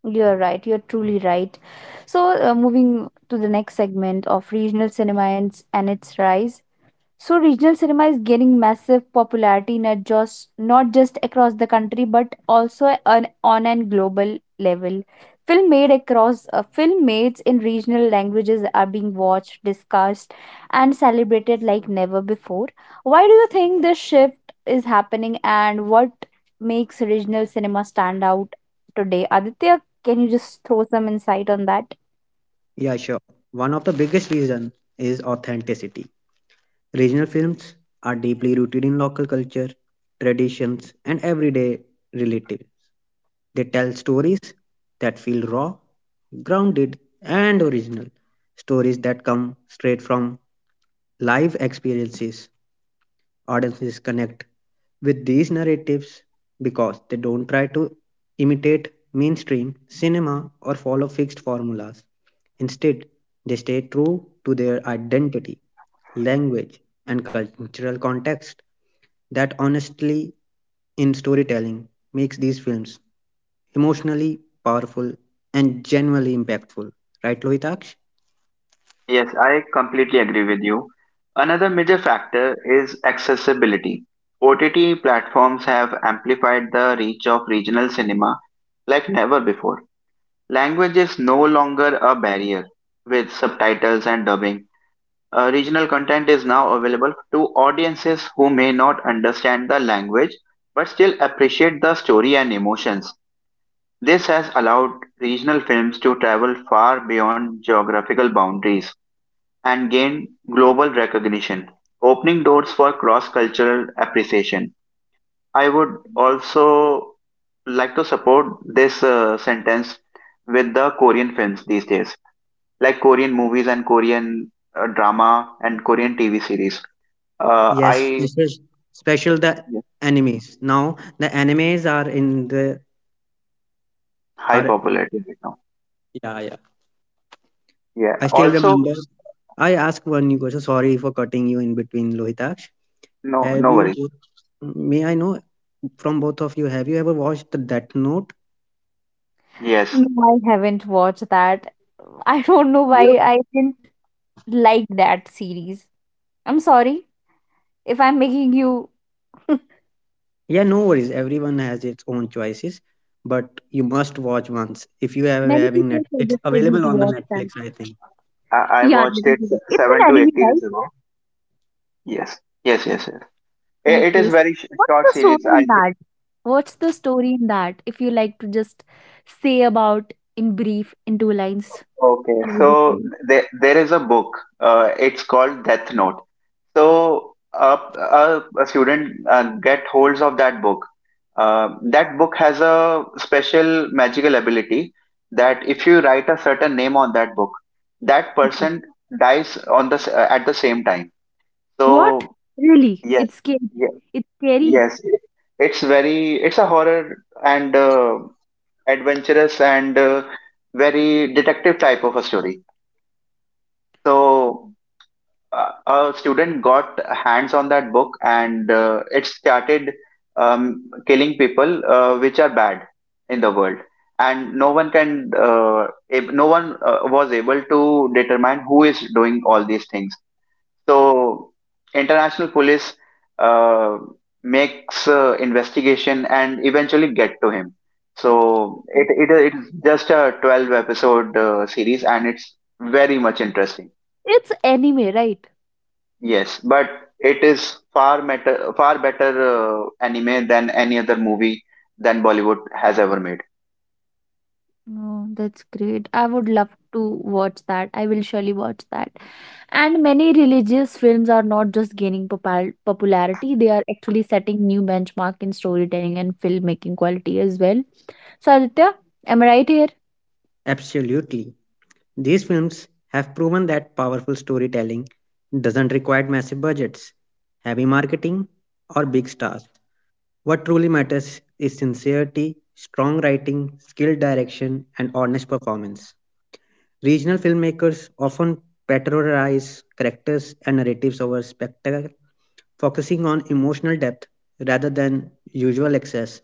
You're right. You're truly right. So moving to the next segment of regional cinema and its rise. So regional cinema is gaining massive popularity not just across the country but also on an global level. Film made in regional languages are being watched, discussed, and celebrated like never before. Why do you think this shift is happening, and what makes regional cinema stand out today? Aditya, can you just throw some insight on that? Yeah, sure. One of the biggest reason is authenticity. Regional films are deeply rooted in local culture, traditions, and everyday relative. They tell stories that feel raw, grounded, and original. Stories that come straight from live experiences. Audiences connect with these narratives because they don't try to imitate mainstream cinema or follow fixed formulas. Instead, they stay true to their identity, language, and cultural context. That honestly in storytelling makes these films emotionally powerful, and genuinely impactful. Right, Lohitaksh? Yes, I completely agree with you. Another major factor is accessibility. OTT platforms have amplified the reach of regional cinema like never before. Language is no longer a barrier with subtitles and dubbing. Regional content is now available to audiences who may not understand the language but still appreciate the story and emotions. This has allowed regional films to travel far beyond geographical boundaries and gained global recognition, opening doors for cross cultural appreciation. I would also like to support this sentence with the Korean films these days, like Korean movies and Korean drama and Korean TV series. Yes, I this is special the yes. enemies. Now the enemies are in the High are. popularity right now. Yeah, yeah. Yeah. I still Also, remember I asked one new question. Sorry for cutting you in between, Lohitaksh. no, Have no you worries. both- may I know from both of you, have you ever watched the Death Note? Yes. No, I haven't watched that. I don't know Yeah. why I didn't liked that series. I'm sorry if I'm making you. Yeah, no worries. Everyone has its own choices, but you must watch once if you are Many having people net. It's suggested me to available on the watch that. Netflix, I think. I Yeah, watched little. it It's an seven to eight anime, years right? ago. Yes. Yes. Yes. Yes. It Okay. is So very what's short the series, story I in think. that? What's the story in that? If you like to just say about in brief, in two lines Okay, about the so story. there is a book. It's called Death Note. So a student get holds of that book. That book has a special magical ability that if you write a certain name on that book, that Okay. person dies on at the same time. What? So Really? yes, It's scary. ye- It's scary. yes, it's very it's a horror and adventurous and very detective type of a story. So a student got hands on that book and it started killing people which are bad in the world, and no one can no one was able to determine who is doing all these things, so international police uh, makes investigation and eventually get to him. So Okay. It's just a 12 episode series and it's very much interesting. It's anime, right? Yes, but it is far better anime than any other movie than Bollywood has ever made. Oh, that's great. I would love to watch that. I will surely watch that. And many religious films are not just gaining popularity, they are actually setting new benchmark in storytelling and filmmaking quality as well. So Aditya, am I right here? Absolutely. These films have proven that powerful storytelling doesn't require massive budgets, heavy marketing, or big stars. What truly matters is sincerity, strong writing, skilled direction, and honest performance. Regional filmmakers often patronize characters and narratives over spectacle, focusing on emotional depth rather than usual excess.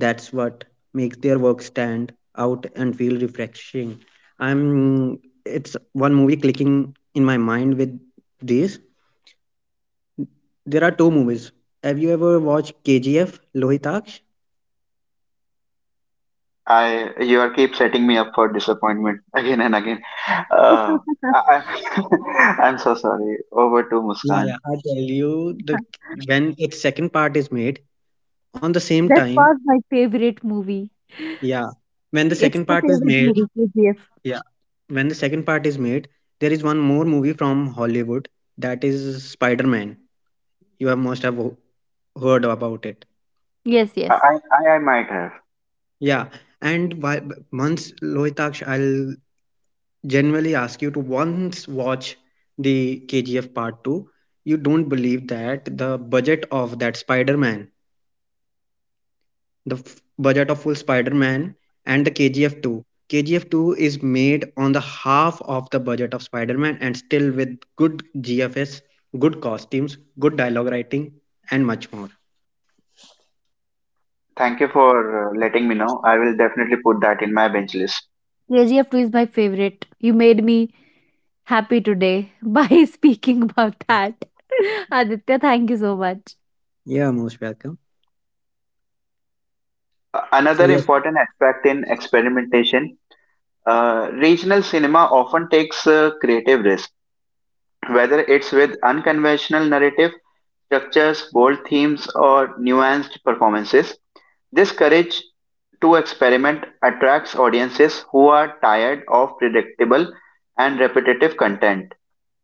That's what makes their work stand out and feel refreshing. I'm it's one movie clicking in my mind with these. There are two movies. Have you ever watched KGF, Lohitaksh? I, you are keep setting me up for disappointment again and again. Uh, I, I'm so sorry. Over to Yeah, Muskan. yeah. I tell you the Huh. when its second part is made on the same That time. was my favorite movie. Yeah, when the It's second my part is favorite made. movie, KGF. Yeah, when the second part is made, there is one more movie from Hollywood, that is Spider Man. You have must have ho- heard about it. Yes, yes. I might have. Yeah, and why, once Lohitaksh, I'll generally ask you to once watch the KGF Part Two. You don't believe that the budget of that Spider-Man, the budget of full Spider-Man, and the KGF Two. KGF Two is made on the half of the budget of Spider-Man, and still with good GFS, good costumes, good dialogue writing, and much more. Thank you for letting me know. I will definitely put that in my bench list. KGF 2 is my favorite. You made me happy today by speaking about that. Aditya, thank you so much. Yeah, most welcome. So Another yes. important aspect in experimentation, regional cinema often takes creative risk whether it's with unconventional narrative structures, bold themes, or nuanced performances. This courage to experiment attracts audiences who are tired of predictable and repetitive content.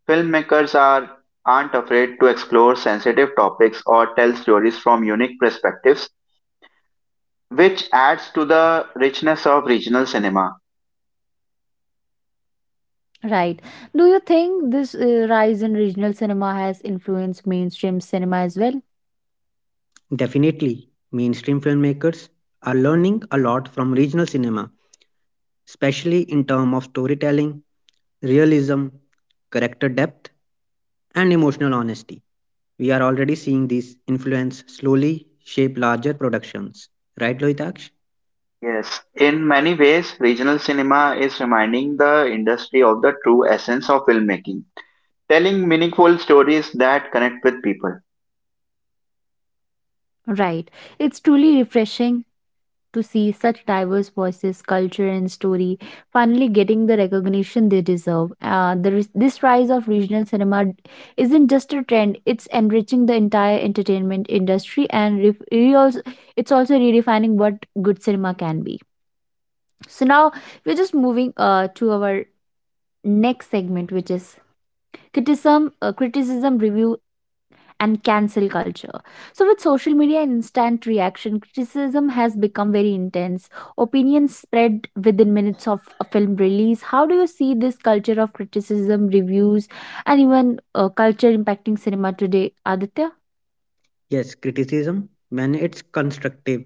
Filmmakers aren't afraid to explore sensitive topics or tell stories from unique perspectives, which adds to the richness of regional cinema. Right. Do you think this rise in regional cinema has influenced mainstream cinema as well? Definitely, mainstream filmmakers are learning a lot from regional cinema, especially in terms of storytelling, realism, character depth, and emotional honesty. We are already seeing these influence slowly shape larger productions. Right, Lohitaksh? Yes, in many ways, regional cinema is reminding the industry of the true essence of filmmaking, telling meaningful stories that connect with people. Right. It's truly refreshing to see such diverse voices, culture, and story finally getting the recognition they deserve. This rise of regional cinema isn't just a trend, it's enriching the entire entertainment industry, and also, it's also redefining what good cinema can be. So now we're just moving to our next segment, which is criticism, review, and cancel culture. So, with social media and instant reaction, criticism has become very intense. Opinions spread within minutes of a film release. How do you see this culture of criticism, reviews, and even culture impacting cinema today, Aditya? Yes, criticism, when it's constructive,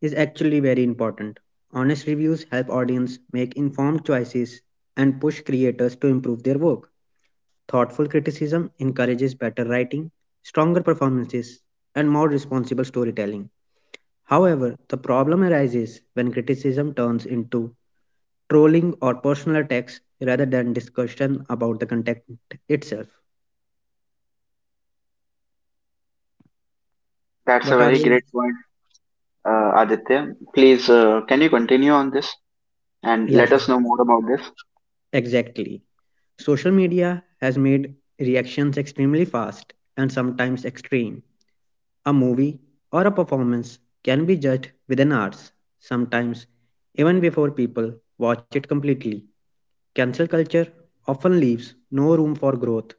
is actually very important. Honest reviews help audience make informed choices and push creators to improve their work. Thoughtful criticism encourages better writing, stronger performances, and more responsible storytelling. However, the problem arises when criticism turns into trolling or personal attacks rather than discussion about the content itself. That's a What are very you? great point, Aditya. Please, can you continue on this and Yeah, let us sure. know more about this? Exactly. Social media has made reactions extremely fast and sometimes extreme. A movie or a performance can be judged within hours, sometimes even before people watch it completely. Cancel culture often leaves no room for growth,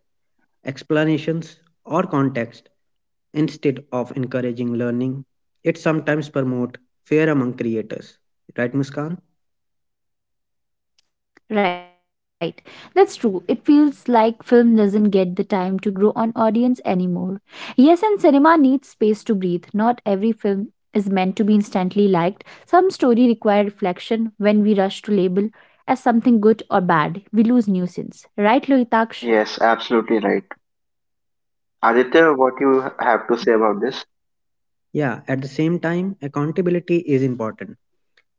explanations, or context. Instead of encouraging learning, it sometimes promotes fear among creators. Right, Muskan? Right. That's true. It feels like film doesn't get the time to grow on audience anymore. Yes, and cinema needs space to breathe. Not every film is meant to be instantly liked. Some story require reflection when we rush to label as something good or bad. We lose nuisance. Right, Lohitaksh? Yes, absolutely right. Aditya, what you have to say about this? Yeah, at the same time, accountability is important.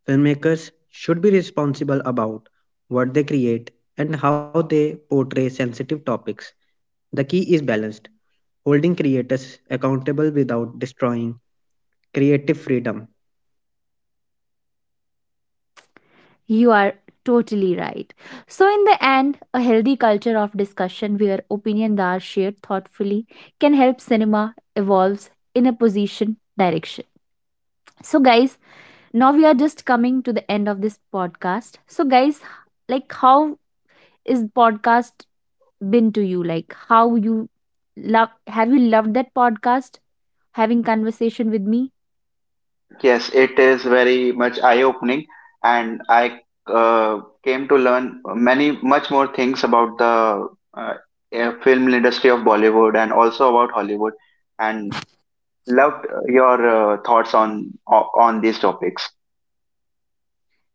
Filmmakers should be responsible about what they create and how they portray sensitive topics. The key is balanced, holding creators accountable without destroying creative freedom. You are totally right. So, in the end, a healthy culture of discussion where opinions are shared thoughtfully can help cinema evolves in a position direction. So, guys, now we are just coming to the end of this podcast. So, guys, like how is podcast been to you? Like how you love? Have you loved that podcast? Having conversation with me? Yes, it is very much eye-opening, and I came to learn many much more things about the uh, film industry of Bollywood and also about Hollywood, and loved your thoughts on on these topics.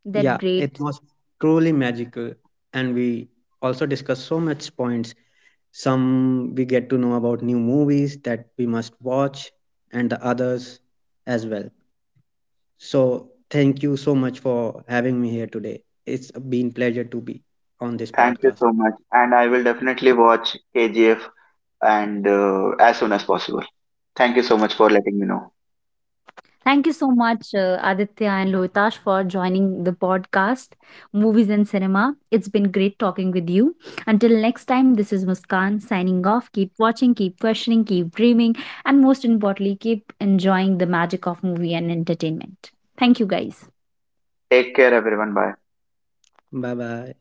Yeah, That it great. was truly magical. And we also discussed so much points. Some we get to know about new movies that we must watch, and the others as well. So thank you so much for having me here today. It's been pleasure to be on this Thank you podcast. so much. And I will definitely watch KGF and as soon as possible. Thank you so much for letting me know. Thank you so much, Aditya and Lohitash, for joining the podcast, Movies and Cinema. It's been great talking with you. Until next time, this is Muskan signing off. Keep watching, keep questioning, keep dreaming, and most importantly, keep enjoying the magic of movie and entertainment. Thank you, guys. Take care, everyone. Bye. Bye bye.